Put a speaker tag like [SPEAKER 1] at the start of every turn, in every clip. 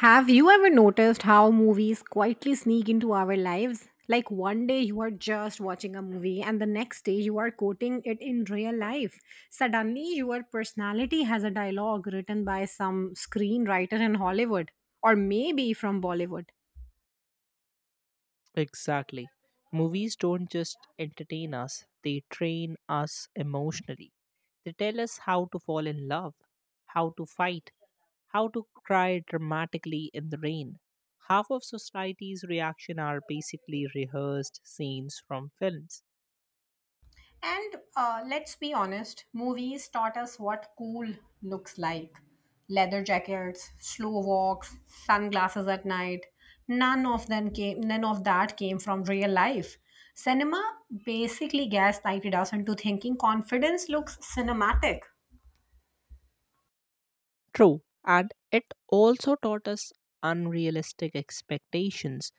[SPEAKER 1] Have you ever noticed how movies quietly sneak into our lives? Like one day you are just watching a movie, and the next day you are quoting it in real life. Suddenly, your personality has a dialogue written by some screenwriter in Hollywood or maybe from Bollywood.
[SPEAKER 2] Exactly. Movies don't just entertain us, they train us emotionally. They tell us how to fall in love, how to fight, how to cry dramatically in the rain. Half of society's reaction are basically rehearsed scenes from films.
[SPEAKER 1] And Let's be honest, movies taught us what cool looks like: leather jackets, slow walks, sunglasses at night. None of that came from real life. Cinema basically gaslighted us into thinking confidence looks cinematic.
[SPEAKER 2] True, and it also taught us unrealistic expectations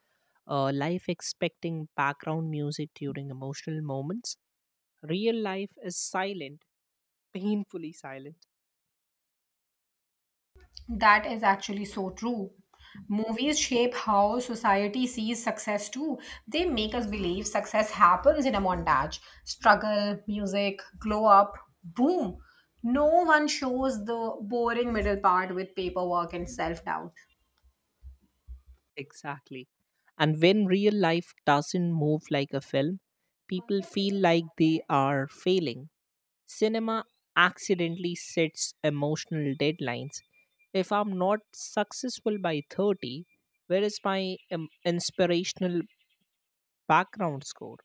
[SPEAKER 2] life expecting background music during emotional moments. Real life is silent, painfully silent.
[SPEAKER 1] That is actually so true. Movies shape how society sees success too. They make us believe success happens in a montage: struggle, music, glow up, boom. No one shows the boring middle part with paperwork and self doubt.
[SPEAKER 2] Exactly. And when real life doesn't move like a film, people feel like they are failing. Cinema accidentally sets emotional deadlines. If I'm not successful by 30, where is my inspirational background score?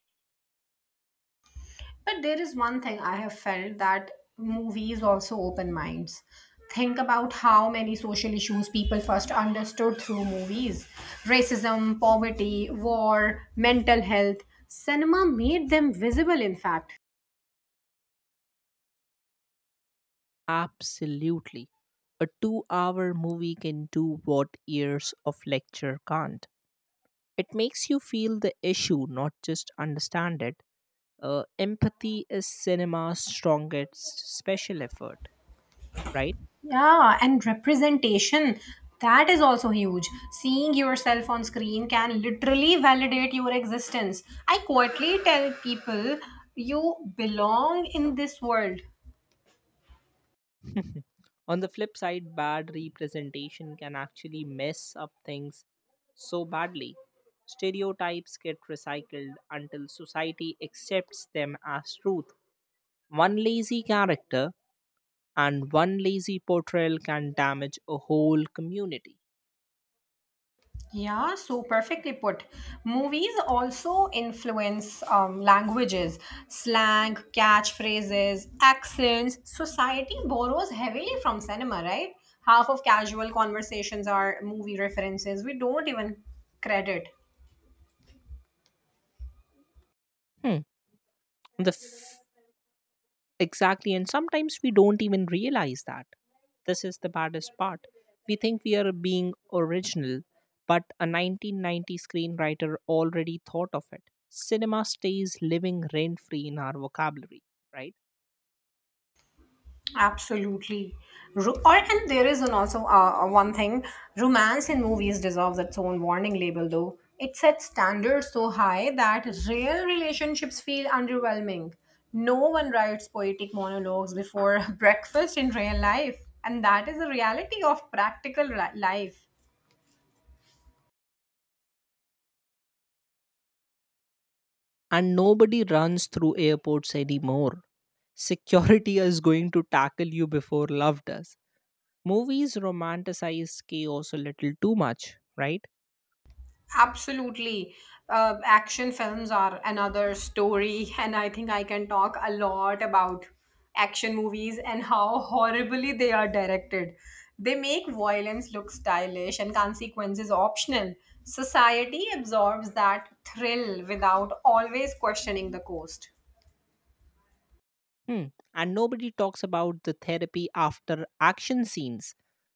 [SPEAKER 1] But there is one thing I have felt, that movies also open minds. Think about how many social issues people first understood through movies: racism, poverty, war, mental health. Cinema made them visible, in fact.
[SPEAKER 2] Absolutely. A 2-hour movie can do what years of lecture can't. It makes you feel the issue, not just understand it. Empathy is cinema's strongest special effort, right?
[SPEAKER 1] Yeah, and representation. That is also huge. Seeing yourself on screen can literally validate your existence. I quietly tell people, you belong in this world.
[SPEAKER 2] On the flip side, bad representation can actually mess up things so badly. Stereotypes get recycled until society accepts them as truth. One lazy character and one lazy portrayal can damage a whole community.
[SPEAKER 1] Yeah, so perfectly put. Movies also influence languages, slang, catchphrases, accents. Society borrows heavily from cinema, right? Half of casual conversations are movie references. We don't even credit.
[SPEAKER 2] Hmm. On the Exactly, and sometimes we don't even realize that. This is the baddest part. We think we are being original, but a 1990 screenwriter already thought of it. Cinema stays living rent free in our vocabulary, right?
[SPEAKER 1] Absolutely. Ro- or And there is an also one thing: romance in movies deserves its own warning label though. It sets standards so high that real relationships feel underwhelming. No one writes poetic monologues before breakfast in real life, and that is the reality of practical life.
[SPEAKER 2] And nobody runs through airports anymore. Security is going to tackle you before love does. Movies romanticize chaos a little too much, right?
[SPEAKER 1] Absolutely. Action films are another story, and I think I can talk a lot about action movies and how horribly they are directed. They make violence look stylish and consequences optional. Society absorbs that thrill without always questioning the cost.
[SPEAKER 2] Hmm. And nobody talks about the therapy after action scenes.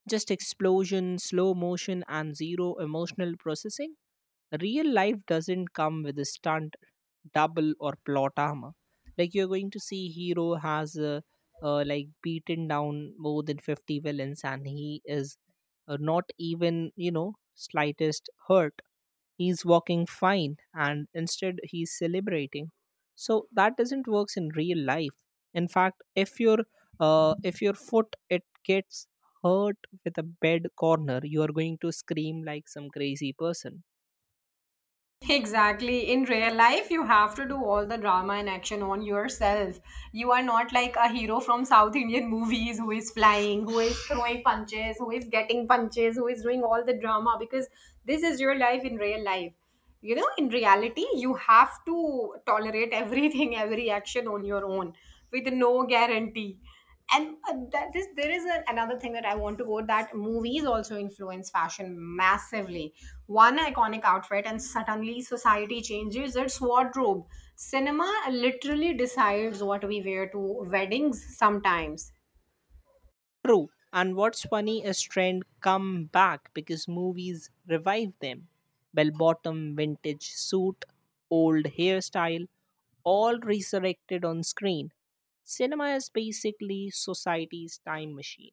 [SPEAKER 2] Just explosion, slow motion, and zero emotional processing. Real life doesn't come with a stunt, double, or plot armor. Like you're going to see, hero has like beaten down more than 50 villains, and he is not even slightest hurt. He's walking fine and instead he's celebrating. So that doesn't works in real life. In fact, if your foot it gets hurt with a bed corner, you are going to scream like some crazy person.
[SPEAKER 1] Exactly. In real life, you have to do all the drama and action on yourself. You are not like a hero from South Indian movies, who is flying, who is throwing punches, who is getting punches, who is doing all the drama, because this is your life. In real life, you know, in reality, you have to tolerate everything, every action on your own, with no guarantee. And that is, there is a, another thing that I want to go: that movies also influence fashion massively. One iconic outfit and suddenly society changes its wardrobe. Cinema literally decides what we wear to weddings sometimes.
[SPEAKER 2] True. And what's funny is trend come back because movies revive them. Bell bottom, vintage suit, old hairstyle, all resurrected on screen. Cinema is basically society's time machine.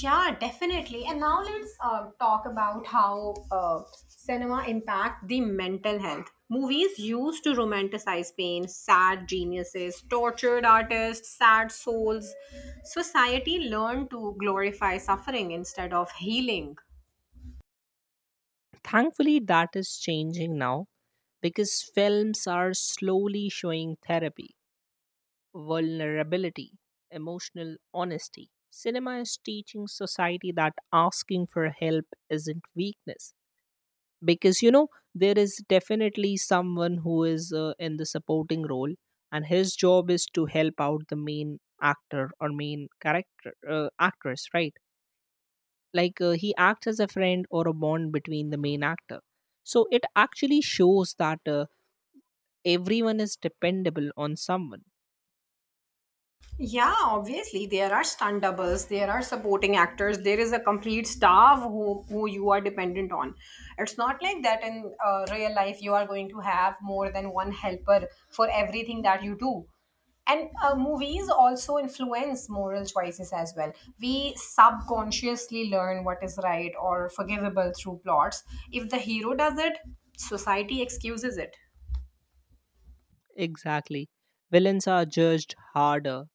[SPEAKER 1] Yeah, definitely. And now let's talk about how cinema impact the mental health. Movies used to romanticize pain, sad geniuses, tortured artists, sad souls. Society learned to glorify suffering instead of healing.
[SPEAKER 2] Thankfully, that is changing now because films are slowly showing therapy, vulnerability, emotional honesty. Cinema is teaching society that asking for help isn't weakness. Because, there is definitely someone who is in the supporting role, and his job is to help out the main actor or main character, actress, right? Like he acts as a friend or a bond between the main actor. So it actually shows that everyone is dependable on someone.
[SPEAKER 1] Yeah, obviously there are stunt doubles, there are supporting actors, there is a complete staff who you are dependent on. It's not like that in real life you are going to have more than one helper for everything that you do. And movies also influence moral choices as well. We subconsciously learn what is right or forgivable through plots. If the hero does it, society excuses it.
[SPEAKER 2] Exactly. Villains are judged harder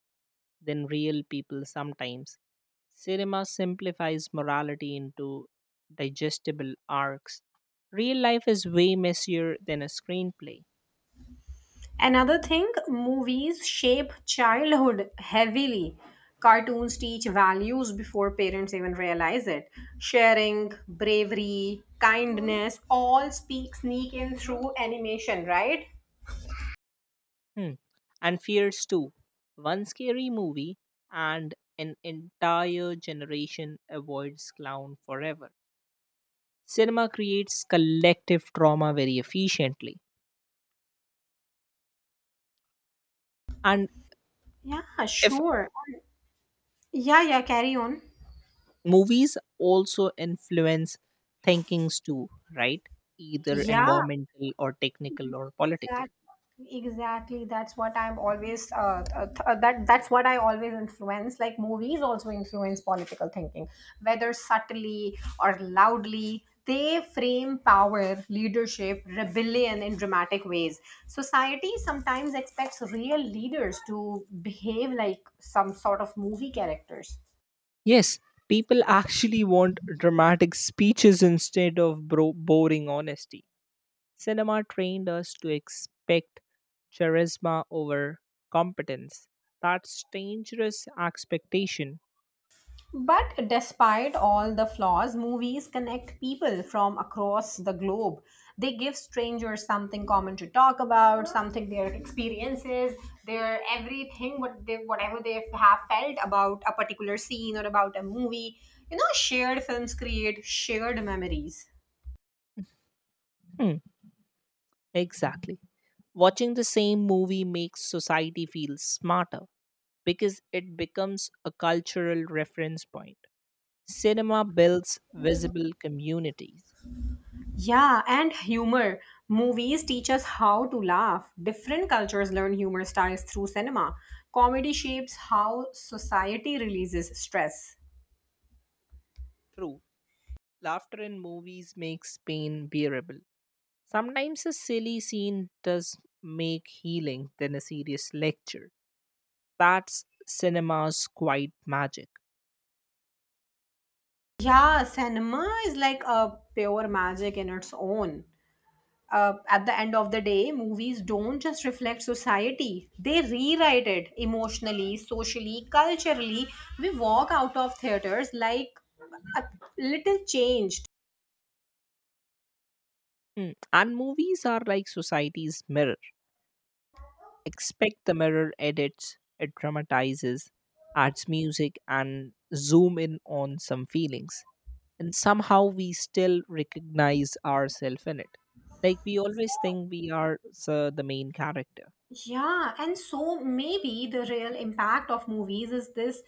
[SPEAKER 2] than real people sometimes. Cinema simplifies morality into digestible arcs. Real life is way messier than a screenplay.
[SPEAKER 1] Another thing, movies shape childhood heavily. Cartoons teach values before parents even realize it. Sharing, bravery, kindness, all speak sneak in through animation, right?
[SPEAKER 2] Hmm. And fears too. One scary movie and an entire generation avoids clown forever. Cinema creates collective trauma very efficiently. And
[SPEAKER 1] Yeah,
[SPEAKER 2] if
[SPEAKER 1] sure. Yeah, yeah, carry on.
[SPEAKER 2] movies also influence thinkings too, right? Either
[SPEAKER 1] Yeah,
[SPEAKER 2] environmental or technical or political.
[SPEAKER 1] exactly, exactly. That that's what I always influence. Like movies also influence political thinking, whether subtly or loudly. They frame power, leadership, rebellion in dramatic ways. Society sometimes expects real leaders to behave like some sort of movie characters.
[SPEAKER 2] Yes, people actually want dramatic speeches instead of boring honesty. Cinema trained us to expect charisma over competence. That's dangerous expectation.
[SPEAKER 1] But despite all the flaws, movies connect people from across the globe. They give strangers something common to talk about, something their experiences, their everything, what they, whatever they have felt about a particular scene or about a movie. You know, shared films create shared memories.
[SPEAKER 2] Hmm, exactly. Watching the same movie makes society feel smarter because it becomes a cultural reference point. Cinema builds visible communities.
[SPEAKER 1] Yeah, and humor. Movies teach us how to laugh. Different cultures learn humor styles through cinema. Comedy shapes how society releases stress.
[SPEAKER 2] True, laughter in movies makes pain bearable. Sometimes a silly scene does make healing than a serious lecture. That's cinema's quiet magic.
[SPEAKER 1] Yeah, cinema is like a pure magic in its own. At the end of the day, movies don't just reflect society, they rewrite it emotionally, socially, culturally. We walk out of theaters like a little changed.
[SPEAKER 2] And movies are like society's mirror. Expect the mirror edits, it dramatizes, adds music, and zoom in on some feelings. And somehow we still recognize ourselves in it. Like we always think we are the main character.
[SPEAKER 1] Yeah, and so maybe the real impact of movies is this: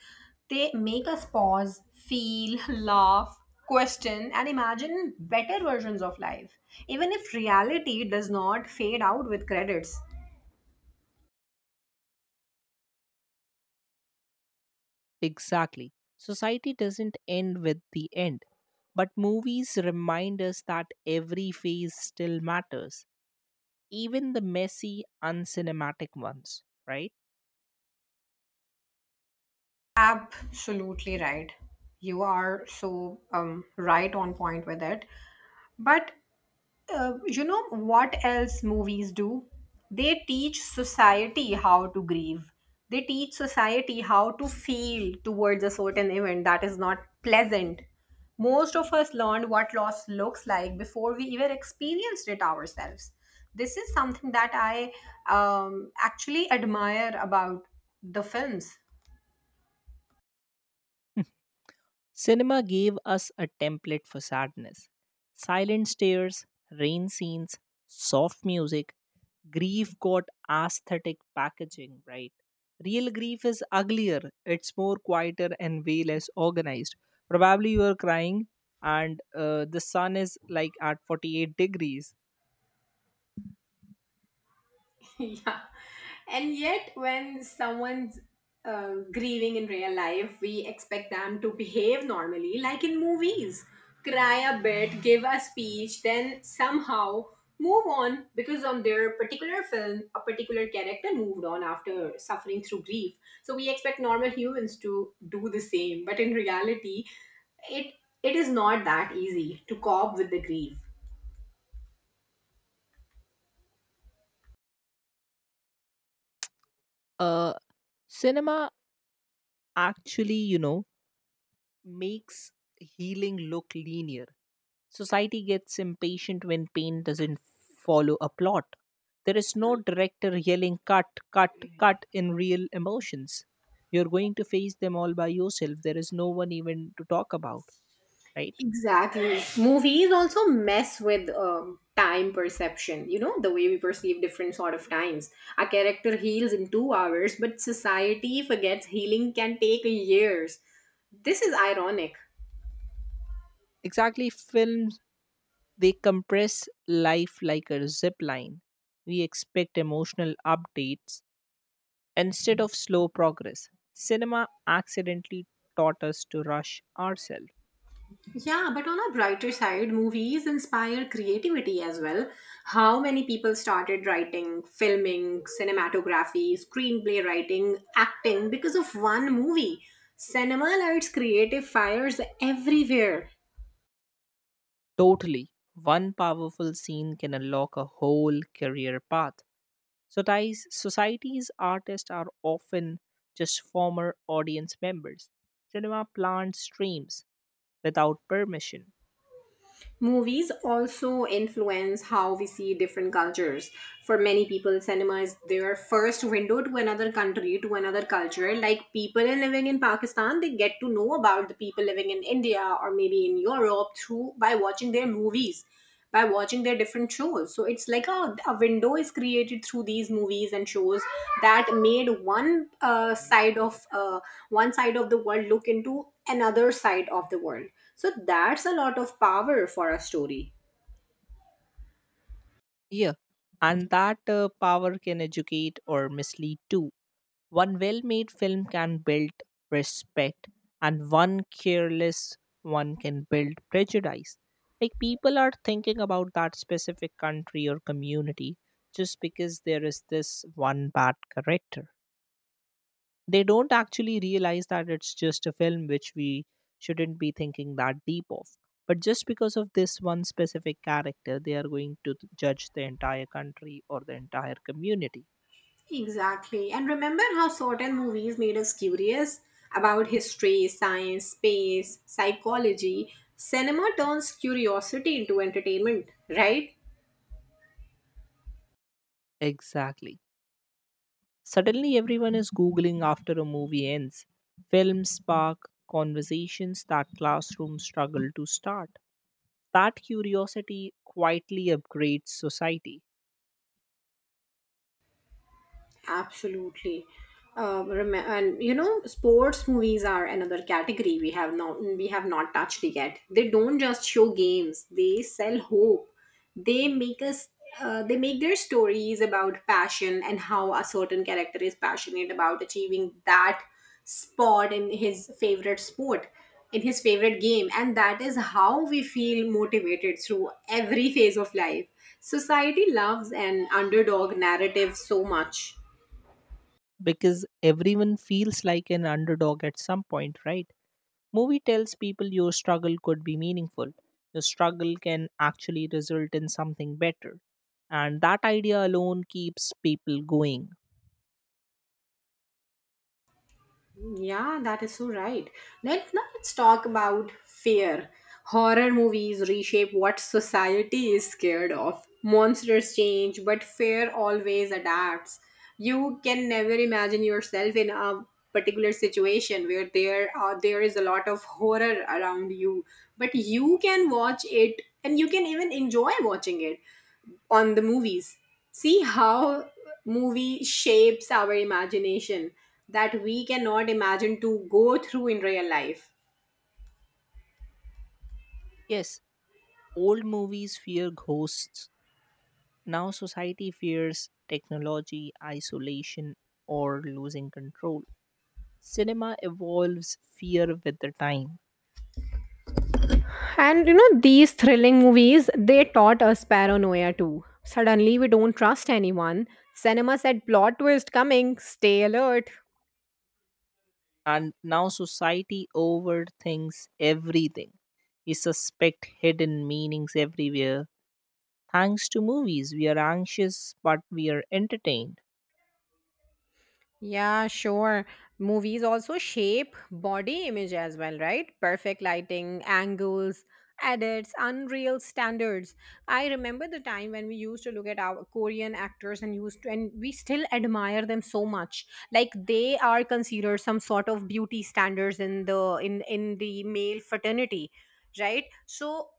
[SPEAKER 1] they make us pause, feel, laugh, question, and imagine better versions of life, even if reality does not fade out with credits.
[SPEAKER 2] Exactly. Society doesn't end with the end, but movies remind us that every phase still matters, even the messy, uncinematic ones, right?
[SPEAKER 1] Absolutely right. You are so right on point with it. But you know what else movies do? They teach society how to grieve. They teach society how to feel towards a certain event that is not pleasant. Most of us learned what loss looks like before we even experienced it ourselves. This is something that I actually admire about the films.
[SPEAKER 2] Cinema gave us a template for sadness. Silent stares, rain scenes, soft music, grief got aesthetic packaging, right? Real grief is uglier, it's more quieter and way less organized. Probably you are crying and the sun is like at 48 degrees.
[SPEAKER 1] Yeah, and yet when someone's grieving in real life, we expect them to behave normally, like in movies: cry a bit, give a speech, then somehow move on, because on their particular film a particular character moved on after suffering through grief, so we expect normal humans to do the same. But in reality, it it is not that easy to cope with the grief.
[SPEAKER 2] Uh, Cinema actually, makes healing look linear. Society gets impatient when pain doesn't follow a plot. There is no director yelling cut, cut, cut in real emotions. You're going to face them all by yourself. There is no one even to talk about, right?
[SPEAKER 1] Exactly. Movies also mess with time perception, you know, the way we perceive different sort of times. A character heals in 2 hours, but society forgets healing can take years. This is ironic.
[SPEAKER 2] Exactly, films they compress life like a zip line. We expect emotional updates instead of slow progress. Cinema accidentally taught us to rush ourselves.
[SPEAKER 1] Yeah, but on a brighter side, movies inspire creativity as well. How many people started writing, filming, cinematography, screenplay writing, acting because of one movie? Cinema lights creative fires everywhere.
[SPEAKER 2] Totally. One powerful scene can unlock a whole career path. So, ties, society's artists are often just former audience members. Cinema plants streams without permission.
[SPEAKER 1] Movies also influence how we see different cultures. For many people, cinema is their first window to another country, to another culture. Like people living in Pakistan, they get to know about the people living in India or maybe in Europe through by watching their movies, by watching their different shows. So it's like a window is created through these movies and shows that made one side of the world look into another side of the world. So that's a lot of power for a story.
[SPEAKER 2] Yeah. And that power can educate or mislead too. One well made film can build respect, and one careless one can build prejudice. Like people are thinking about that specific country or community just because there is this one bad character. They don't actually realize that it's just a film which we shouldn't be thinking that deep of. But just because of this one specific character, they are going to judge the entire country or the entire community.
[SPEAKER 1] Exactly. And remember how certain movies made us curious about history, science, space, psychology. Cinema turns curiosity into entertainment, right?
[SPEAKER 2] Exactly. Suddenly, everyone is Googling after a movie ends. Films spark conversations that classrooms struggle to start. That curiosity quietly upgrades society.
[SPEAKER 1] Absolutely. And you know, sports movies are another category we have not touched yet. They don't just show games; they sell hope. They make us. They make their stories about passion and how a certain character is passionate about achieving that spot in his favorite sport, in his favorite game, and that is how we feel motivated through every phase of life. Society loves an underdog narrative so much.
[SPEAKER 2] Because everyone feels like an underdog at some point, right? Movie tells people your struggle could be meaningful. Your struggle can actually result in something better. And that idea alone keeps people going.
[SPEAKER 1] Yeah, that is so right. Let's talk about fear. Horror movies reshape what society is scared of. Monsters change, but fear always adapts. You can never imagine yourself in a particular situation where there is a lot of horror around you, but you can watch it and you can even enjoy watching it on the movies. See how movie shapes our imagination that we cannot imagine to go through in real life.
[SPEAKER 2] Yes, old movies fear ghosts. Now, society fears technology, isolation, or losing control. Cinema evolves fear with the time,
[SPEAKER 1] And you know, these thrilling movies, they taught us paranoia too. Suddenly, we don't trust anyone. Cinema said plot twist coming, stay alert.
[SPEAKER 2] and now society overthinks everything. We suspect hidden meanings everywhere. Thanks to movies, we are anxious but we are entertained.
[SPEAKER 1] Yeah, sure. Movies also shape body image as well, right? Perfect lighting, angles, edits, unreal standards. I remember the time when we used to look at our Korean actors and used to, and we still admire them so much. Like they are considered some sort of beauty standards in the male fraternity, right? So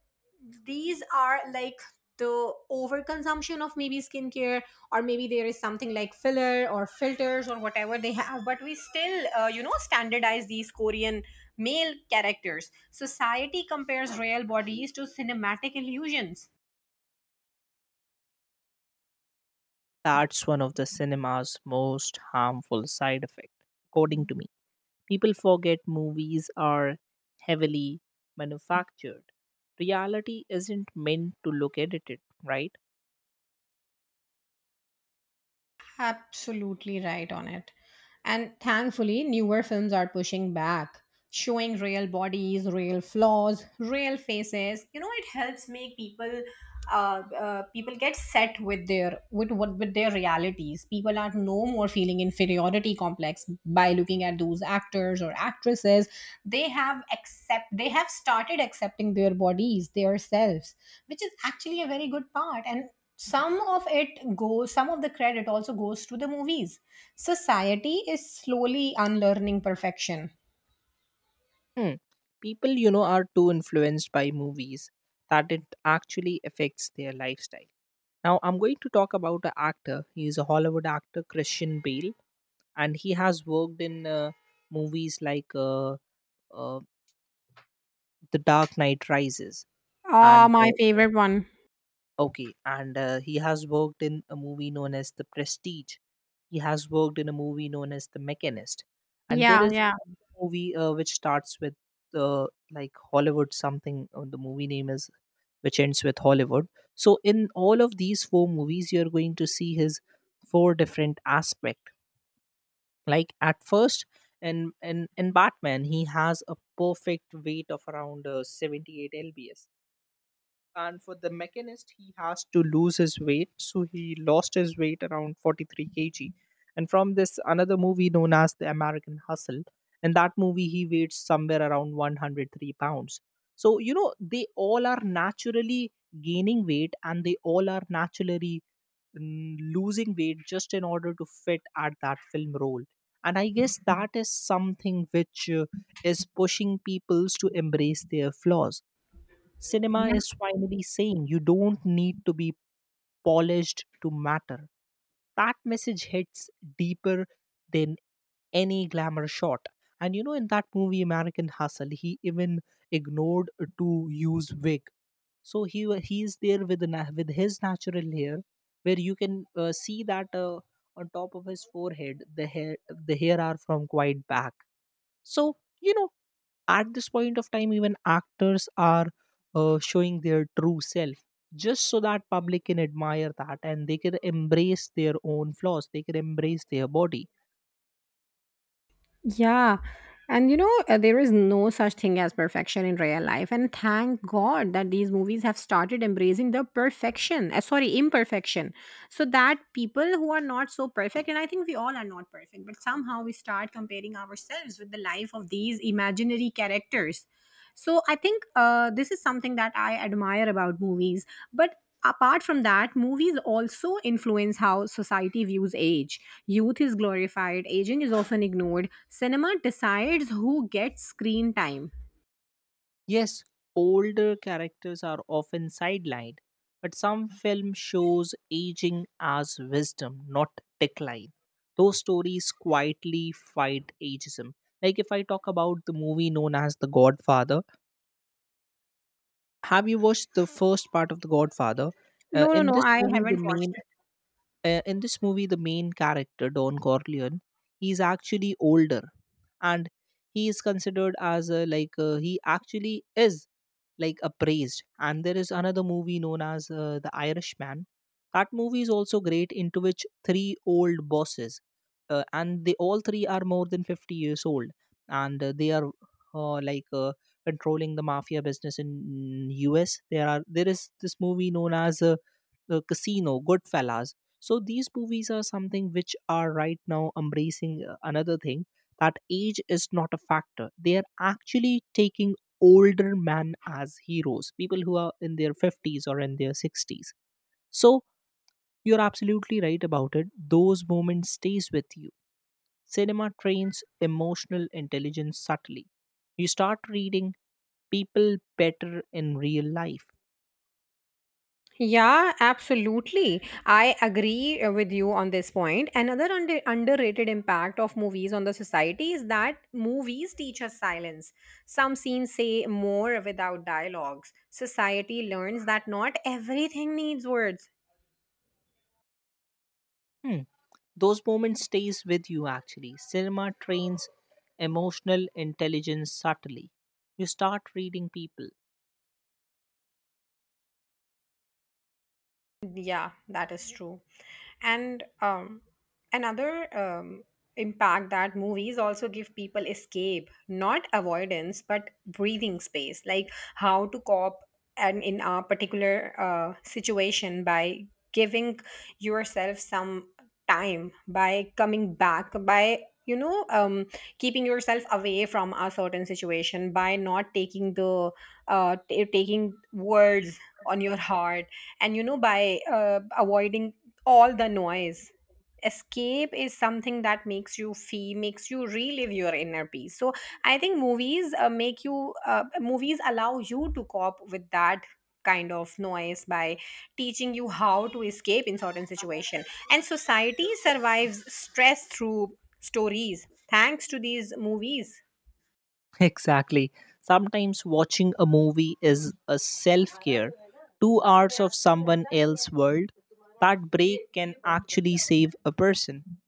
[SPEAKER 1] these are like the overconsumption of maybe skincare, or maybe there is something like filler or filters or whatever they have, but we still you know, standardize these Korean male characters. Society compares real bodies to cinematic illusions.
[SPEAKER 2] That's one of the cinema's most harmful side effects, according to me. People forget movies are heavily manufactured. Reality isn't meant to look edited, right?
[SPEAKER 1] Absolutely right on it. And thankfully newer films are pushing back, showing real bodies, real flaws, real faces. You know, it helps make people people get set with their with their realities. People are no more feeling inferiority complex by looking at those actors or actresses. They have started accepting their bodies, their selves, which is actually a very good part. And some of the credit also goes to the movies. Society is slowly unlearning perfection.
[SPEAKER 2] Hmm. People, are too influenced by movies that it actually affects their lifestyle. Now, I'm going to talk about an actor. He is a Hollywood actor, Christian Bale, and he has worked in movies like uh, The Dark Knight Rises,
[SPEAKER 1] Oh,
[SPEAKER 2] and
[SPEAKER 1] my favorite one.
[SPEAKER 2] okay, and he has worked in a movie known as The Prestige. He has worked in a movie known as The Mechanist, and there
[SPEAKER 1] Yeah,
[SPEAKER 2] is
[SPEAKER 1] yeah.
[SPEAKER 2] another movie which starts with uh, like Hollywood something. The movie name is which ends with Hollywood. So in all of these four movies, you're going to see his four different aspect. Like at first, in Batman, he has a perfect weight of around 78 lbs. And for the mechanist he has to lose his weight, so he lost his weight around 43 kg. And from this another movie known as The American Hustle, in that movie he weighs somewhere around 103 pounds. So they all are naturally gaining weight and they all are naturally losing weight just in order to fit at that film role. And I guess that is something which is pushing peoples to embrace their flaws. Cinema is finally saying you don't need to be polished to matter. That message hits deeper than any glamour shot. And in that movie, American Hustle, he even ignored to use wig. So he is there with the with his natural hair, where you can see that on top of his forehead, the hair are from quite back. So at this point of time even actors are showing their true self just so that public can admire that and they can embrace their own flaws. They can embrace their body.
[SPEAKER 1] Yeah. And you know, there is no such thing as perfection in real life. And thank God that these movies have started embracing the perfection, sorry, imperfection. So that people who are not so perfect, and I think we all are not perfect, but somehow we start comparing ourselves with the life of these imaginary characters. So I think this is something that I admire about movies. But apart from that, movies also influence how society views age. Youth is glorified, aging is often ignored. Cinema decides who gets screen time.
[SPEAKER 2] Yes, older characters are often sidelined, but some film shows aging as wisdom, not decline. Those stories quietly fight ageism. Like if I talk about the movie known as The Godfather, have you watched the first part of The Godfather? uh,
[SPEAKER 1] No, no,
[SPEAKER 2] in
[SPEAKER 1] no,
[SPEAKER 2] this
[SPEAKER 1] I
[SPEAKER 2] movie the
[SPEAKER 1] haven't watched.
[SPEAKER 2] main uh, in this movie the main character Don Corleone, he's actually older, and he is considered as a, like he actually is like appraised. And there is another movie known as The Irishman. That movie is also great, into which three old bosses and they all three are more than 50 years old, and they are like controlling the mafia business in US. There is this movie known as The Casino Goodfellas. So these movies are something which are right now embracing another thing, that age is not a factor. They are actually taking older men as heroes, people who are in their 50s or in their 60s. So you're absolutely right about it. Those moments stays with you. Cinema trains emotional intelligence subtly. You start reading people better in real life.
[SPEAKER 1] Yeah, absolutely. I agree with you on this point. Another underrated impact of movies on the society is that movies teach us silence. Some scenes say more without dialogues. Society learns that not everything needs words.
[SPEAKER 2] Hmm. Those moments stays with you actually. Cinema trains emotional intelligence subtly. You start reading people.
[SPEAKER 1] Yeah, that is true. And another impact that movies also give people escape, not avoidance, but breathing space, like how to cope and in a particular situation by giving yourself some time, by coming back, by keeping yourself away from a certain situation, by not taking the taking words on your heart, and by avoiding all the noise. Escape is something that makes you relive your inner peace. So I think movies make you movies allow you to cope with that kind of noise by teaching you how to escape in certain situation, and society survives stress through stories thanks to these movies.
[SPEAKER 2] Exactly. Sometimes watching a movie is a self-care. 2 hours of someone else's world. That break can actually save a person.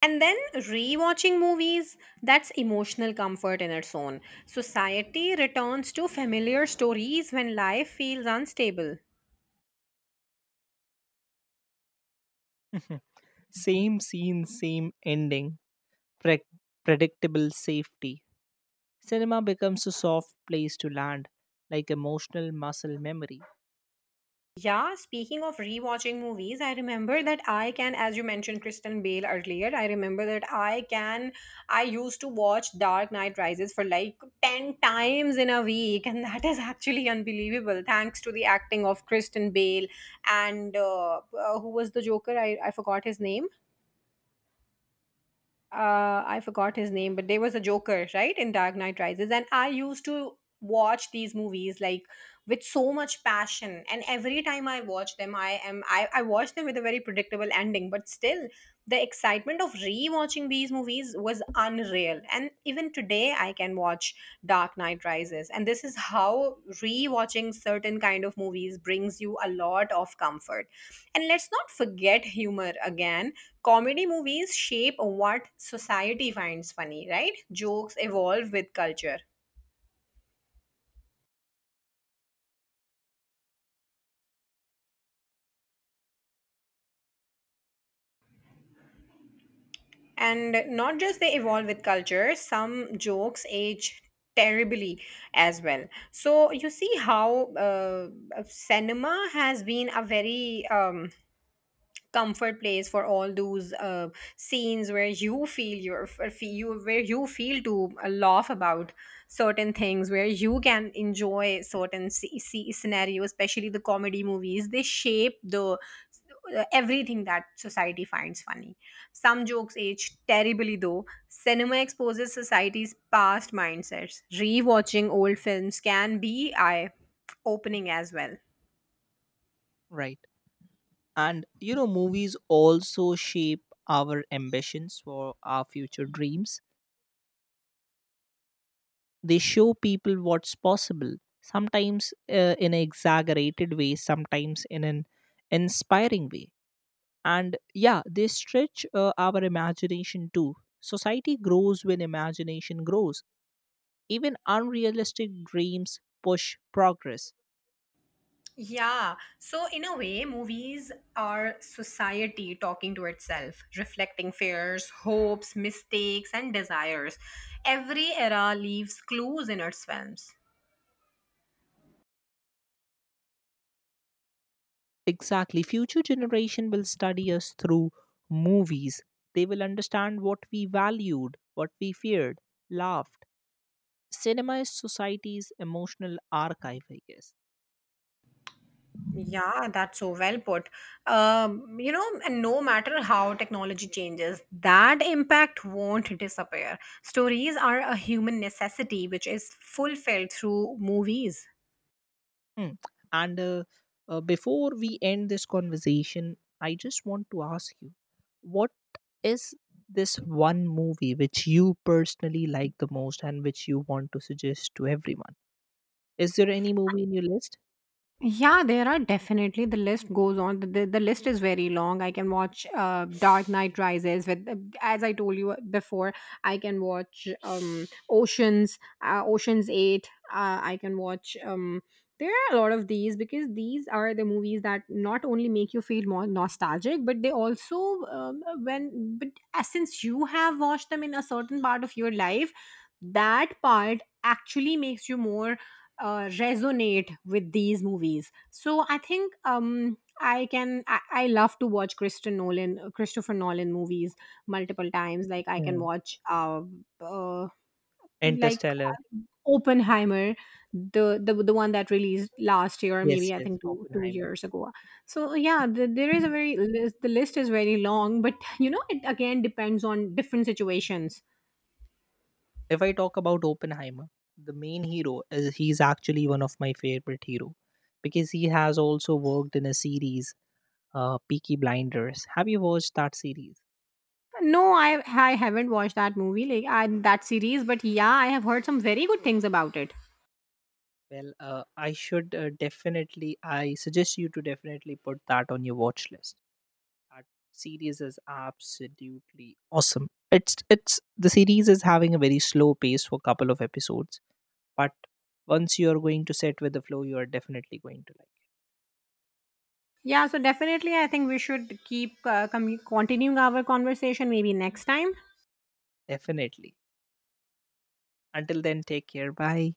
[SPEAKER 1] And then rewatching movies, that's emotional comfort in its own. Society returns to familiar stories when life feels unstable.
[SPEAKER 2] Same scene, same ending. pre- Predictable safety. Cinema becomes a soft place to land, like emotional muscle memory.
[SPEAKER 1] Yeah, speaking of rewatching movies, I remember that I can, as you mentioned Kristen Bale earlier, I remember that I can, I used to watch Dark Knight Rises for like 10 times in a week, and that is actually unbelievable thanks to the acting of Kristen Bale, and who was the Joker? I forgot his name. I forgot his name, but there was a Joker, right, in Dark Knight Rises, and I used to watch these movies like with so much passion. And every time I watch them, I watch them with a very predictable ending, but still the excitement of rewatching these movies was unreal, and even today I can watch Dark Knight Rises. And this is how rewatching certain kind of movies brings you a lot of comfort. And let's not forget humor again. Comedy movies shape what society finds funny, right? Jokes evolve with culture, and not just they evolve with culture, some jokes age terribly as well. So you see how cinema has been a very comfort place for all those scenes where you where you feel to laugh about certain things, where you can enjoy certain see scenarios, especially the comedy movies. They shape the everything that society finds funny. Some jokes age terribly, though. Cinema exposes society's past mindsets. Rewatching old films can be eye opening as well.
[SPEAKER 2] Right. And movies also shape our ambitions for our future dreams. They show people what's possible, sometimes in an exaggerated way, sometimes in an inspiring way. And yeah, they stretch our imagination too. Society grows when imagination grows. Even unrealistic dreams push progress.
[SPEAKER 1] Yeah. So, in a way, movies are society talking to itself, reflecting fears, hopes, mistakes, and desires. Every era leaves clues in its films.
[SPEAKER 2] Exactly. Future generation will study us through movies. They will understand what we valued, what we feared, laughed. Cinema is society's emotional archive, I guess.
[SPEAKER 1] Yeah, that's so well put. You know, and no matter how technology changes, that impact won't disappear. Stories are a human necessity which is fulfilled through movies.
[SPEAKER 2] Hmm. And before we end this conversation, I just want to ask you what is this one movie which you personally like the most and which you want to suggest to everyone? Is there any movie in your list?
[SPEAKER 1] Yeah, there are definitely the list goes on. The list is very long. I can watch Dark Knight Rises with, as I told you before, I can watch Oceans, Oceans Eight. I can watch. There are a lot of these because these are the movies that not only make you feel more nostalgic, but they also when but as since you have watched them in a certain part of your life, that part actually makes you more resonate with these movies. So I think I can. I love to watch Christopher Nolan movies multiple times. Like I can
[SPEAKER 2] Hmm.
[SPEAKER 1] watch, uh, like
[SPEAKER 2] Interstellar.
[SPEAKER 1] Oppenheimer, the one that released last year, or
[SPEAKER 2] Yes,
[SPEAKER 1] maybe I
[SPEAKER 2] yes,
[SPEAKER 1] think two two
[SPEAKER 2] Oppenheimer.
[SPEAKER 1] years ago. So yeah, there is a very list, the list is very long, but you know it again depends on different situations.
[SPEAKER 2] If I talk about Oppenheimer, the main hero is he's actually one of my favorite hero because he has also worked in a series, Peaky Blinders. Have you watched that series?
[SPEAKER 1] No, I haven't watched that movie, like I, that series, but yeah, I have heard some very good things about it.
[SPEAKER 2] Well, I should definitely, I suggest you to definitely put that on your watch list. That series is absolutely awesome. The series is having a very slow pace for couple of episodes, but once you are going to set with the flow, you are definitely going to like.
[SPEAKER 1] Yeah, so definitely, I think we should keep commu continuing our conversation maybe next time.
[SPEAKER 2] Definitely. Until then, take care. Bye.